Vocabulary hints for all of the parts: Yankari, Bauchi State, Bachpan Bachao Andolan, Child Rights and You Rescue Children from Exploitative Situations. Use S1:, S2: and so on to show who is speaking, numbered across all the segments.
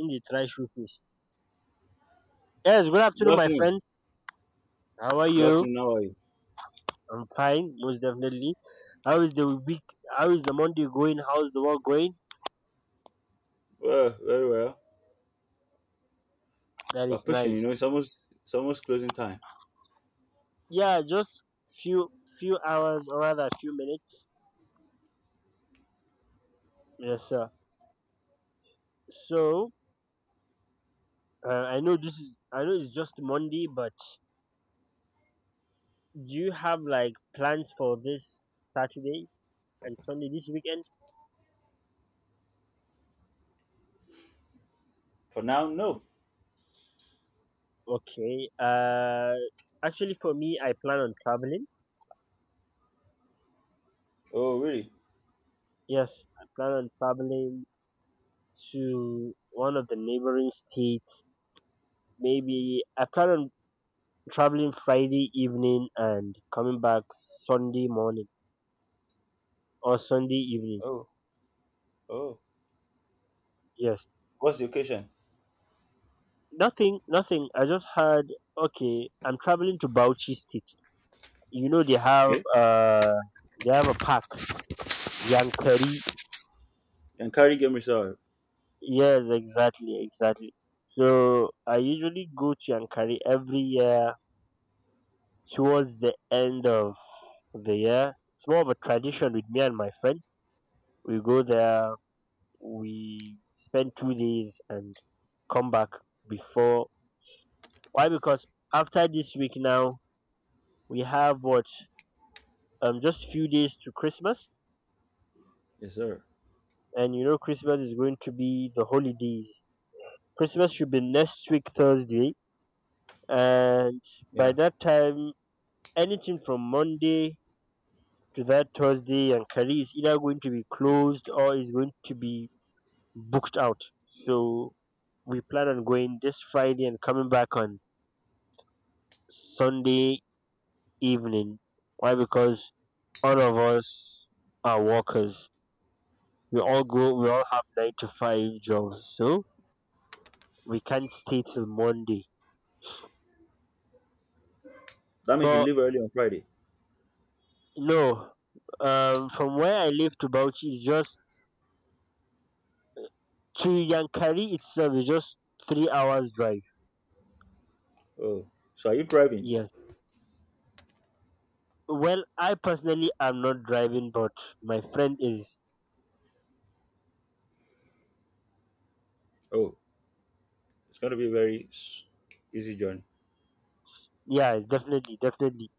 S1: Him dey try shoe. Yes, good
S2: Good
S1: afternoon, my
S2: afternoon.
S1: friend. How are
S2: Good
S1: you?
S2: afternoon. How are you?
S1: I'm fine, most definitely. How is the week? How is the Monday going? How's the work going?
S2: Well, very well.
S1: That
S2: We're
S1: is
S2: pushing. You
S1: nice.
S2: know, it's almost closing time.
S1: Yeah, just few few hours or rather few minutes. Yes, sir. So I know this is I know it's just Monday, but do you have like plans for this Saturday and Sunday this weekend?
S2: For now, no.
S1: Okay. Actually, for me, I plan on traveling.
S2: Oh, really?
S1: Yes, I plan on traveling to one of the neighboring states. Maybe I plan on traveling Friday evening and coming back Sunday morning or Sunday evening.
S2: Oh, oh.
S1: Yes.
S2: What's the occasion?
S1: Nothing, nothing. I just had, okay, I'm traveling to Bauchi State. You know,
S2: Okay.
S1: they have a park, Yankari.
S2: And carry game reserve.
S1: Yes, exactly, exactly. So I usually go to Yankari every year towards the end of the year. It's more of a tradition with me and my friend. We go there, we spend 2 days and come back before. Why? Because after this week now, we have what? Just few days to Christmas,
S2: Yes, sir.
S1: and you know Christmas is going to be the holidays. Christmas should be next week Thursday, and by
S2: Yeah.
S1: that time, anything from Monday to that Thursday and Kari is either going to be closed or is going to be booked out. So we plan on going this Friday and coming back on Sunday evening. Why? Because all of us are workers. We all go. We all have nine to five jobs, so we can't stay till Monday.
S2: That means you
S1: But
S2: leave early on Friday.
S1: no, from where I live to Bauchi is just to Yankari itself is just 3 hours drive.
S2: Oh. So are you driving?
S1: Yes. Well, I personally am not driving, but my friend is.
S2: Oh, it's going to be a very easy journey.
S1: Yeah, definitely, definitely.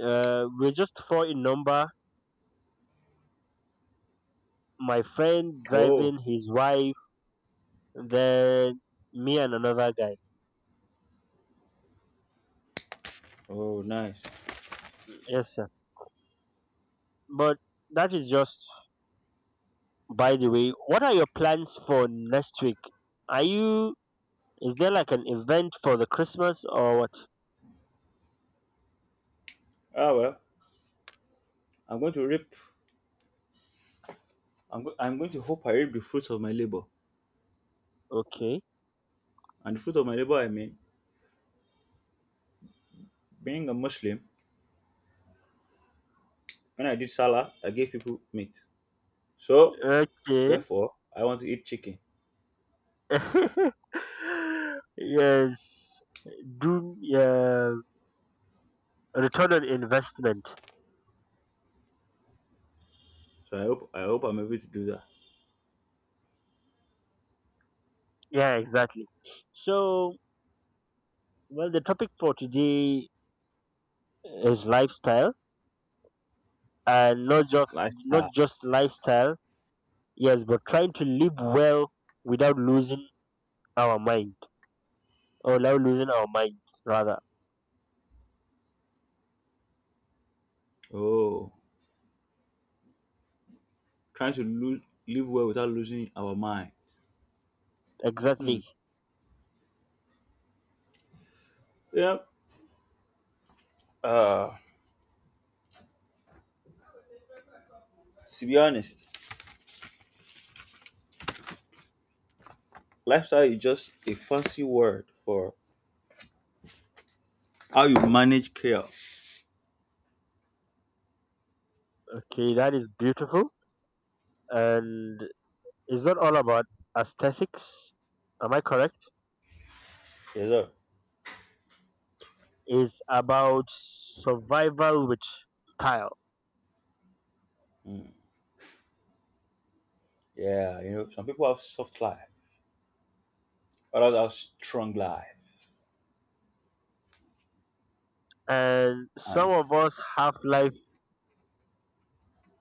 S1: We're just four in number. My friend
S2: Oh.
S1: driving, his wife, then me and another guy.
S2: Oh, nice.
S1: Yes, sir. But that is just by the way. What are your plans for next week? Are you? Is there like an event for the Christmas or what?
S2: Ah well. I'm going to reap. I'm going to hope I reap the fruits of my labor.
S1: Okay.
S2: And the fruit of my labor, I mean, being a Muslim, when I did salah, I gave people meat. So
S1: Okay.
S2: therefore, I want to eat chicken.
S1: Yes. Do yeah. Return on investment.
S2: So I hope I'm able to do that.
S1: Yeah, exactly. So, well, the topic for today is lifestyle, and not
S2: Lifestyle.
S1: just lifestyle. Yes, but trying to live well without losing our mind or without losing our mind rather.
S2: Oh, trying to lose, live well without losing our mind. Hmm.
S1: Exactly.
S2: Yeah. Uh, to be honest, lifestyle is just a fancy word for how you manage chaos.
S1: Okay, that is beautiful. And it's not all about aesthetics. Am I correct?
S2: Yes, sir.
S1: It's about survival with style.
S2: Yeah, you know, some people have soft life, others have strong life,
S1: And some
S2: and
S1: of us have life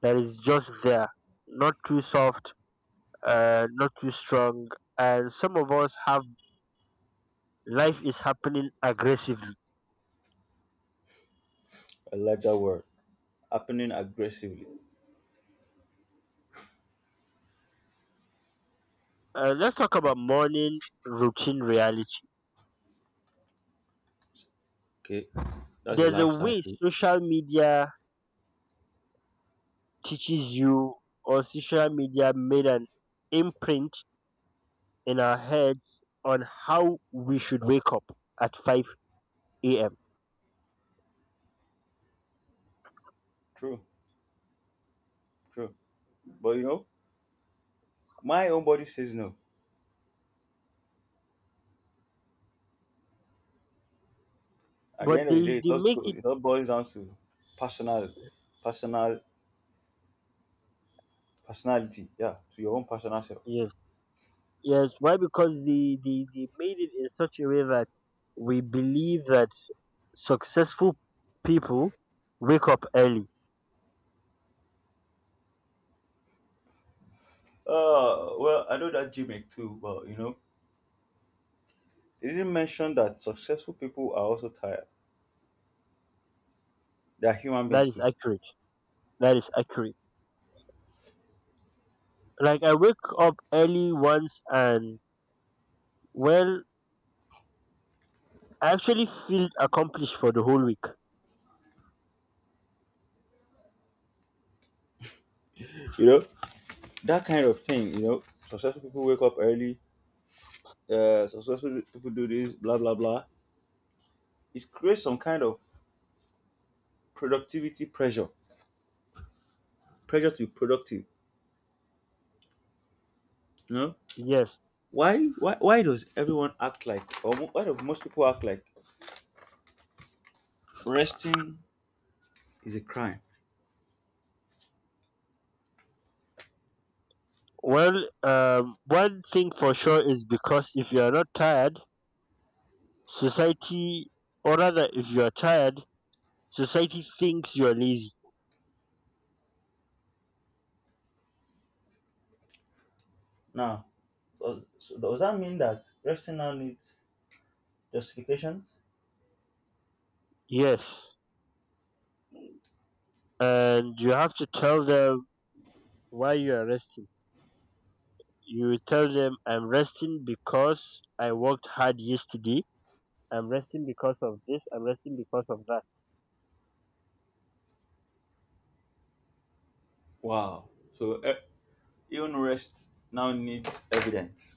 S1: that is just there, not too soft, not too strong. And some of us have life is happening aggressively.
S2: I like that word. Happening aggressively.
S1: Let's talk about morning routine reality.
S2: Okay, that's a
S1: There's a
S2: lifestyle.
S1: way
S2: Too.
S1: social media teaches you, or social media made an imprint in our heads on how we should wake up at 5 a.m.
S2: True, true. But you know, my own body says no. At the
S1: But
S2: end of the
S1: they,
S2: day, it
S1: they
S2: all,
S1: make it,
S2: it all boils down to personal, personal, personality. Yeah, to your own personal self.
S1: yes, yes. Why? Because they made it in such a way that we believe that successful people wake up early.
S2: Well, I know that gimmick too, but you know, they didn't mention that successful people are also tired. They are human beings
S1: That is
S2: too.
S1: accurate. That is accurate. Like I wake up early once and, well, I actually feel accomplished for the whole week.
S2: You know, that kind of thing. You know, successful people wake up early. Successful people do this, blah blah blah. It creates some kind of productivity pressure, pressure to be productive. You know,
S1: Yes.
S2: why does everyone act like why do most people act like resting is a crime?
S1: Well, one thing for sure is because if you are not tired, society, or rather, if you are tired, society thinks you are lazy.
S2: Now, so does that mean that resting now needs justifications?
S1: Yes. And you have to tell them why you are resting. You tell them, I'm resting because I worked hard yesterday. I'm resting because of this. I'm resting because of that.
S2: Wow. So even rest now needs evidence.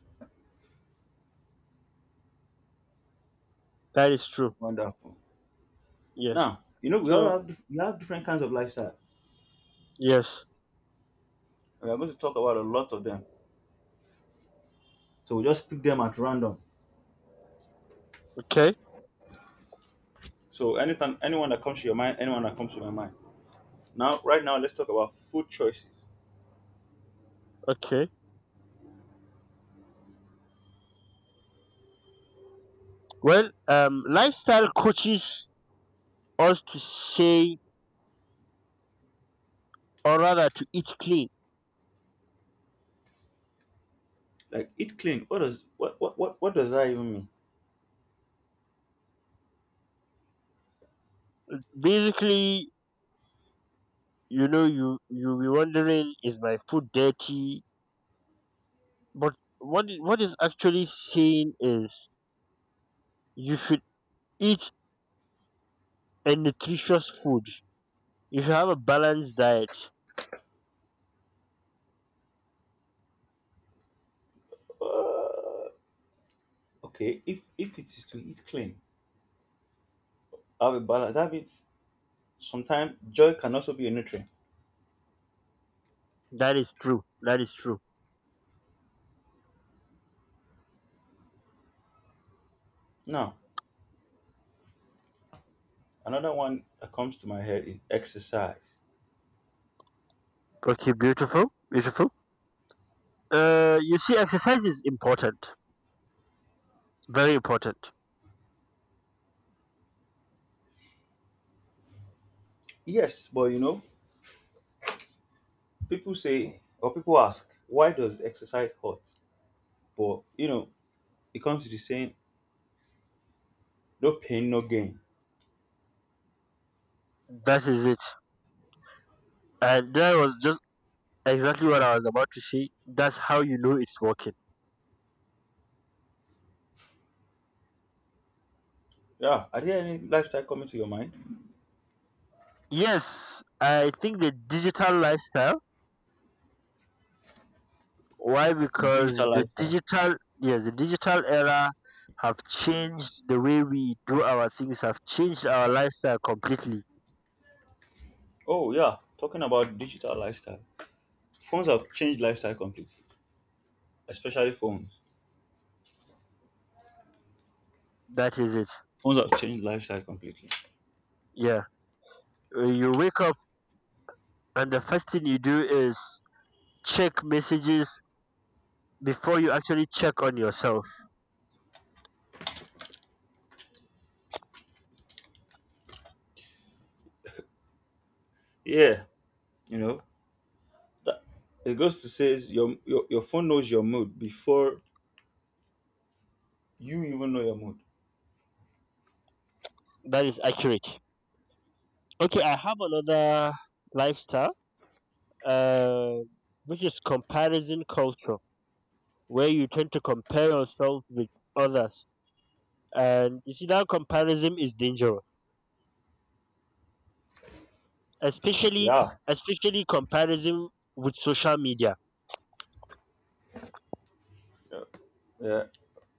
S1: That is true.
S2: Wonderful.
S1: Yes.
S2: Now, you know
S1: So,
S2: we have different kinds of lifestyle.
S1: yes.
S2: We are going to talk about a lot of them. So we just pick them at random.
S1: Okay.
S2: So anytime anyone that comes to your mind, anyone that comes to my mind. Now, right now, let's talk about food choices.
S1: Okay. Well, lifestyle coaches us to say, or rather, to eat clean.
S2: Like eat clean. What does that even mean?
S1: Basically, you know, you you'll be wondering, is my food dirty? But what is actually saying is, you should eat a nutritious food. You should have a balanced diet.
S2: Uh, okay, if it is to eat clean, have a balance. That means sometimes joy can also be a nutrient.
S1: That is true. That is true.
S2: Now, another one that comes to my head is exercise.
S1: Okay, beautiful, beautiful. You see, exercise is important, very important.
S2: Yes, but you know, people say or people ask, why does exercise hurt? But you know, it comes to the saying, no pain, no gain.
S1: That is it. And that was just exactly what I was about to say. That's how you know it's working.
S2: Yeah, are there any lifestyle coming to your mind?
S1: Yes, I think the digital lifestyle. Why?
S2: Digital
S1: Because
S2: lifestyle.
S1: the digital era have changed the way we do our things. Have changed our lifestyle completely.
S2: Oh yeah, talking about digital lifestyle. Phones have changed lifestyle completely, especially phones.
S1: That is it.
S2: Phones have changed lifestyle completely.
S1: Yeah. You wake up and the first thing you do is check messages before you actually check on yourself.
S2: Yeah, you know that it goes to say is your phone knows your mood before you even know your mood.
S1: That is accurate. Okay, I have another lifestyle, uh, which is comparison culture, where you tend to compare yourself with others. And you see that comparison is dangerous, especially
S2: Yeah,
S1: especially comparison with social media.
S2: yeah, yeah.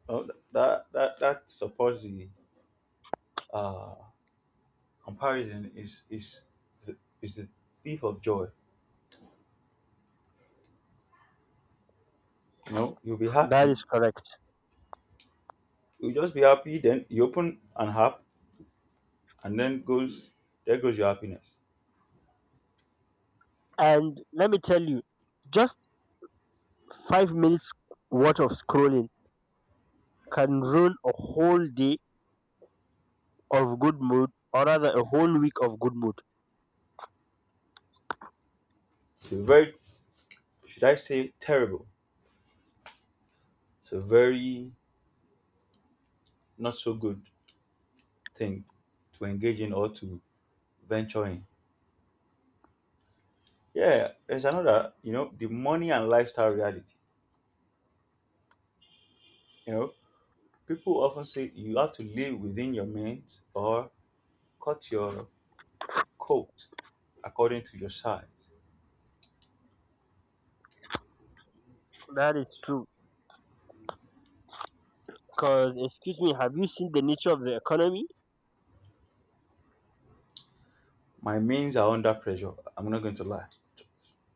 S2: Oh, that supports the uh, comparison is the, the thief of joy. You know, you'll be
S1: That
S2: happy.
S1: is correct.
S2: You'll just be happy. Then you open an app, and then goes there goes your happiness.
S1: And let me tell you, just 5 minutes worth of scrolling can ruin a whole day of good mood, or rather a whole week of good mood.
S2: It's a very, should I say, terrible. It's a very not so good thing to engage in or to venture in. Yeah, there's another, you know, the money and lifestyle reality. You know, people often say you have to live within your means or cut your coat according to your size.
S1: That is true. Cause excuse me, have you seen the nature of the economy?
S2: My means are under pressure. I'm not going to lie.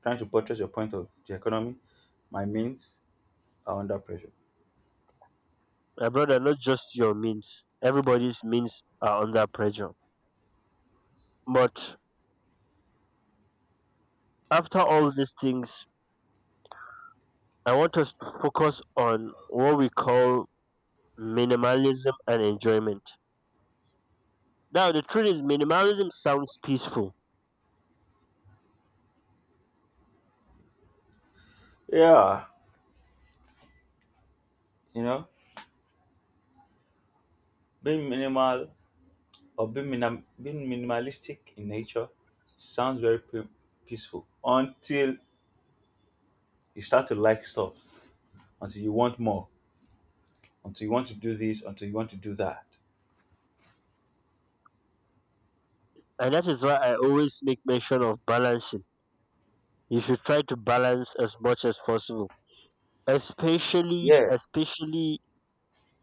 S2: Trying to buttress your point of the economy, my means are under pressure.
S1: My brother, not just your means. Everybody's means are under pressure. But after all these things, I want us to focus on what we call minimalism and enjoyment. Now, the truth is, minimalism sounds peaceful,
S2: Yeah, you know, being minimal or being minimalistic in nature sounds very peaceful until you start to like stuff, until you want more, until you want to do this, until you want to do that.
S1: and that is why I always make mention of balancing. You should try to balance as much as possible, especially,
S2: Yeah,
S1: especially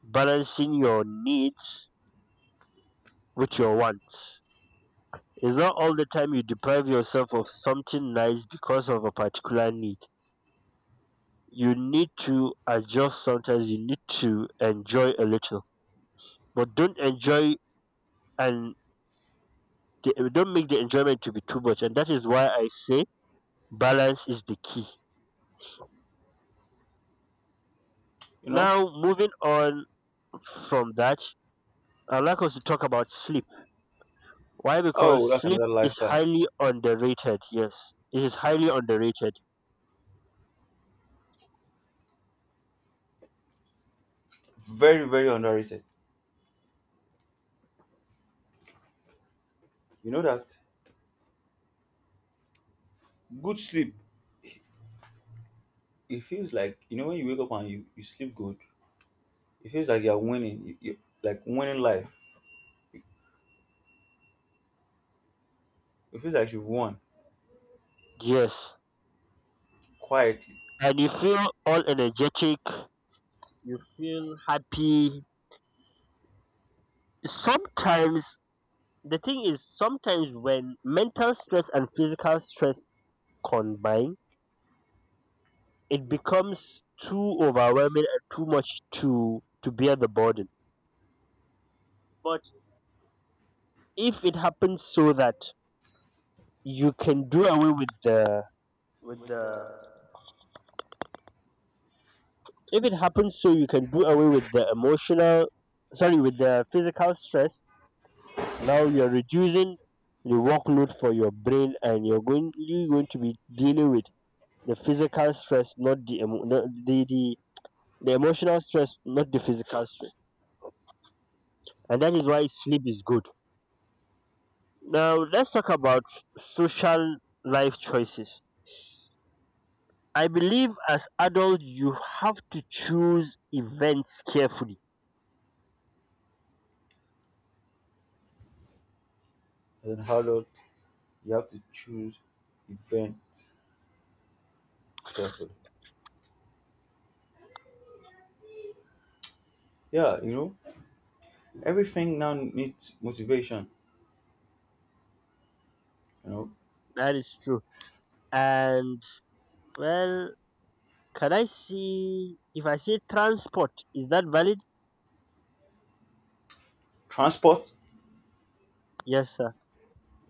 S1: balancing your needs with your wants. It's not all the time you deprive yourself of something nice because of a particular need. You need to adjust sometimes, you need to enjoy a little, but don't enjoy and don't make the enjoyment to be too much. And that is why I say balance is the key.
S2: you know.
S1: Now, moving on from that, I'd like us to talk about sleep. Why? Because
S2: Oh, that's
S1: sleep
S2: another
S1: is
S2: lifestyle.
S1: highly underrated. Yes, it is highly underrated.
S2: Very, very underrated. You know that good sleep. It feels like, you know, when you wake up and you sleep good. It feels like you're winning. You like winning life. It feels like you've won
S1: Yes.
S2: quietly.
S1: And you feel all energetic, you feel happy. Sometimes The thing is sometimes when mental stress and physical stress combine, it becomes too overwhelming and too much to bear the burden. But if it happens so that you can do away with the if it happens so you can do away with the emotional, sorry, with the physical stress, now you're reducing the workload for your brain and you're going to be dealing with the physical stress, not the, emo- no, the emotional stress, not the physical stress, and that is why sleep is good. Now let's talk about social life choices. I believe as adults you have to choose events carefully.
S2: As an adult, you have to choose events carefully. Yeah, you know, everything now needs motivation. You know,
S1: That is true. And well, can I see if I say transport is that valid?
S2: transport.
S1: Yes, sir.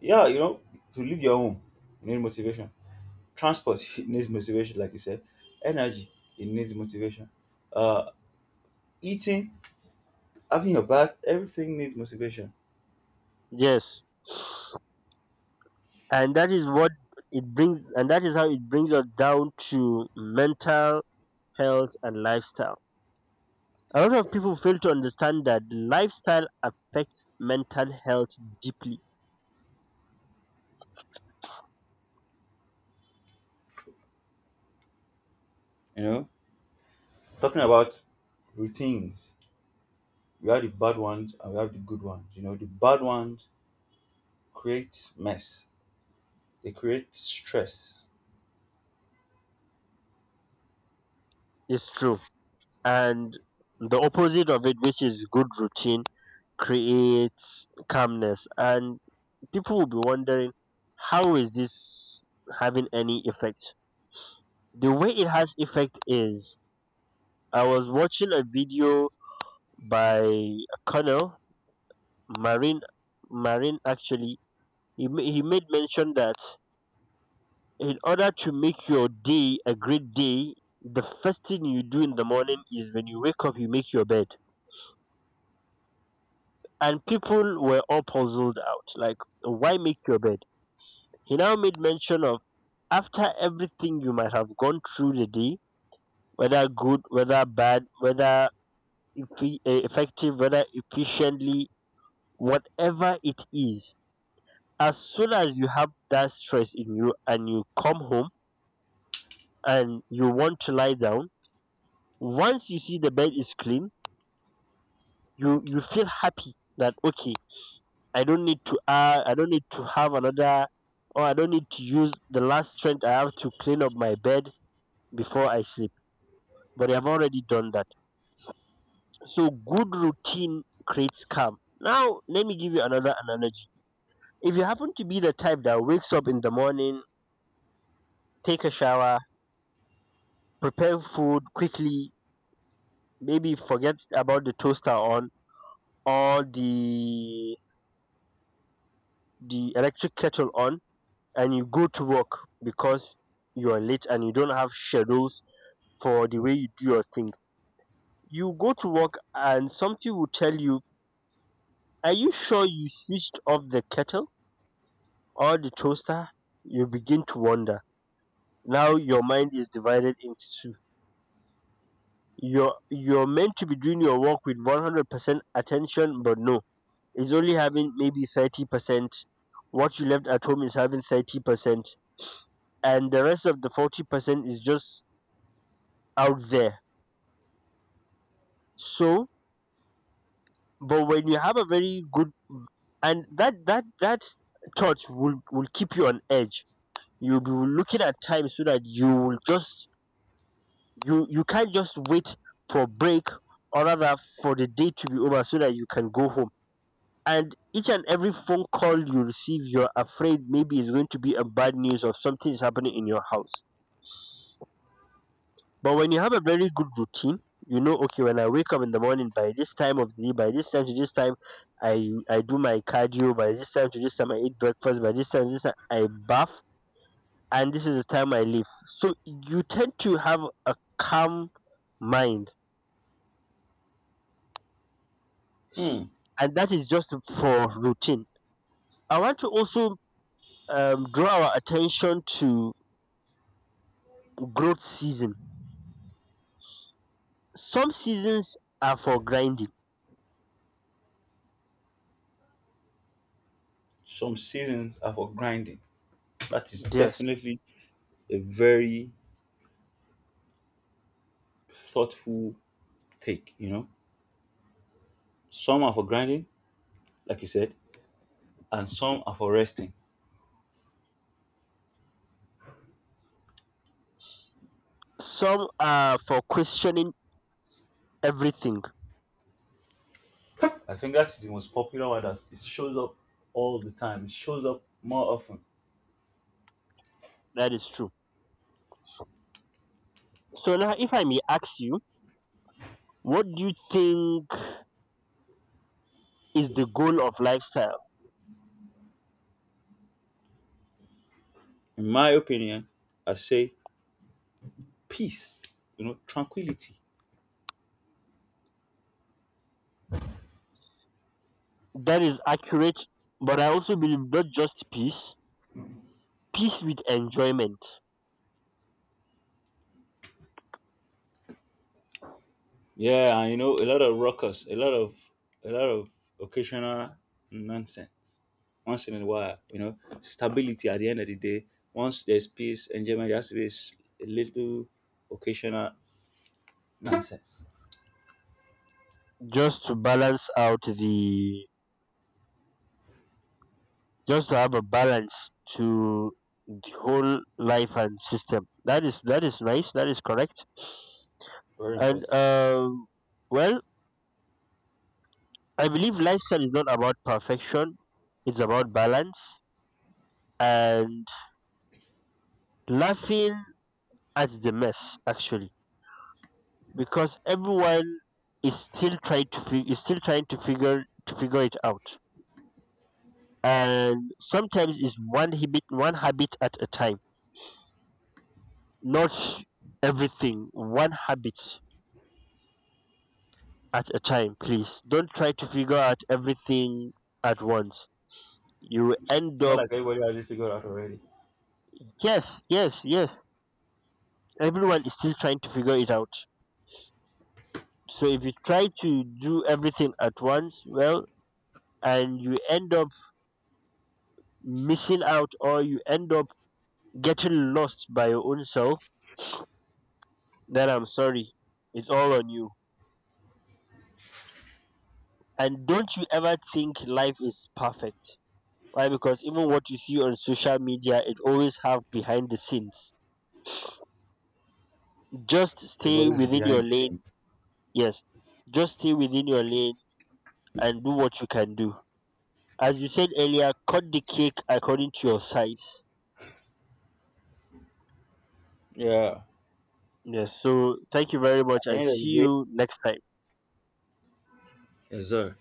S2: Yeah, you know, to leave your home, you need motivation. Transport it needs motivation, like you said. Energy, it needs motivation. Uh, Eating, having your bath, everything needs motivation.
S1: Yes, and that is how it brings us down to mental health, and lifestyle. A lot of people fail to understand that lifestyle affects mental health deeply.
S2: You know, talking about routines. We have the bad ones and we have the good ones. You know, the bad ones create mess. They create stress.
S1: It's true. And the opposite of it, which is good routine, creates calmness. And people will be wondering, how is this having any effect? The way it has effect is I was watching a video by a colonel, Marine, Marine actually. He made mention that in order to make your day a great day, the first thing you do in the morning is when you wake up, you make your bed. And people were all puzzled out, like, why make your bed? He now made mention of, after everything you might have gone through the day, whether good, whether bad, whether effective, whether efficiently, whatever it is, as soon as you have that stress in you and you come home and you want to lie down, once you see the bed is clean, you feel happy that, okay, I don't need to I don't need to have another, or I don't need to use the last strength I have to clean up my bed before I sleep, but I've already done that. So good routine creates calm. Now let me give you another analogy. If you happen to be the type that wakes up in the morning, take a shower, prepare food quickly, maybe forget about the toaster on, or the electric kettle on, and you go to work because you are late and you don't have schedules for the way you do your thing. You go to work and something will tell you, are you sure you switched off the kettle or the toaster? You begin to wonder. Now your mind is divided into two. You're meant to be doing your work with 100% attention, but no, it's only having maybe 30%. What you left at home is having 30%, and the rest of the 40% is just out there. So, but when you have a very good, and that thought will keep you on edge. You'll be looking at time so that you will just, you can't just wait for break, or rather for the day to be over so that you can go home. And each and every phone call you receive, you're afraid maybe it's going to be a bad news or something is happening in your house. But when you have a very good routine, you know, okay, when I wake up in the morning, by this time of the day, by this time to this time, I do my cardio. By this time to this time, I eat breakfast. By this time to this time, I bath, and this is the time I leave. So you tend to have a calm mind,
S2: Hmm.
S1: and that is just for routine. I want to also, draw our attention to growth season. Some seasons are for grinding.
S2: Some seasons are for grinding. That is
S1: Yes,
S2: definitely a very thoughtful take, you know. Some are for grinding, like you said, and some are for resting.
S1: some are for questioning everything.
S2: I think that's the most popular one that it shows up all the time. It shows up more often.
S1: That is true. So now, if I may ask you, what do you think is the goal of lifestyle?
S2: In my opinion, I say peace, you know, tranquility.
S1: That is accurate, but I also believe not just peace, peace with enjoyment,
S2: Yeah, and you know, a lot of ruckus, a lot of a lot of occasional nonsense. Once in a while, you know, stability at the end of the day. Once there's peace, enjoyment there has to be a little occasional nonsense.
S1: just to balance just to have a balance to the whole life and system. That is, that is nice. That is correct.
S2: Very
S1: And
S2: important.
S1: well, I believe lifestyle is not about perfection. It's about balance and laughing at the mess, actually, because everyone is still is still trying to figure it out, and sometimes it's one habit at a time, not everything. One habit at a time, please. Don't try to figure out everything at once, you end
S2: It's not
S1: up,
S2: like everybody has it figured out already.
S1: yes, yes, yes, everyone is still trying to figure it out. So if you try to do everything at once, well, and you end up missing out, or you end up getting lost by your own self, then I'm sorry. It's all on you. And don't you ever think life is perfect. Why? Because even what you see on social media, it always have behind the scenes. Just
S2: There's
S1: stay
S2: always a
S1: within
S2: behind
S1: your
S2: the
S1: lane.
S2: scene.
S1: Yes. Just stay within your lane and do what you can do. As you said earlier, cut the cake according to your size.
S2: Yeah.
S1: Yes. So thank you very much
S2: At the
S1: and
S2: end of the
S1: see
S2: day.
S1: you next time.
S2: Yes, sir.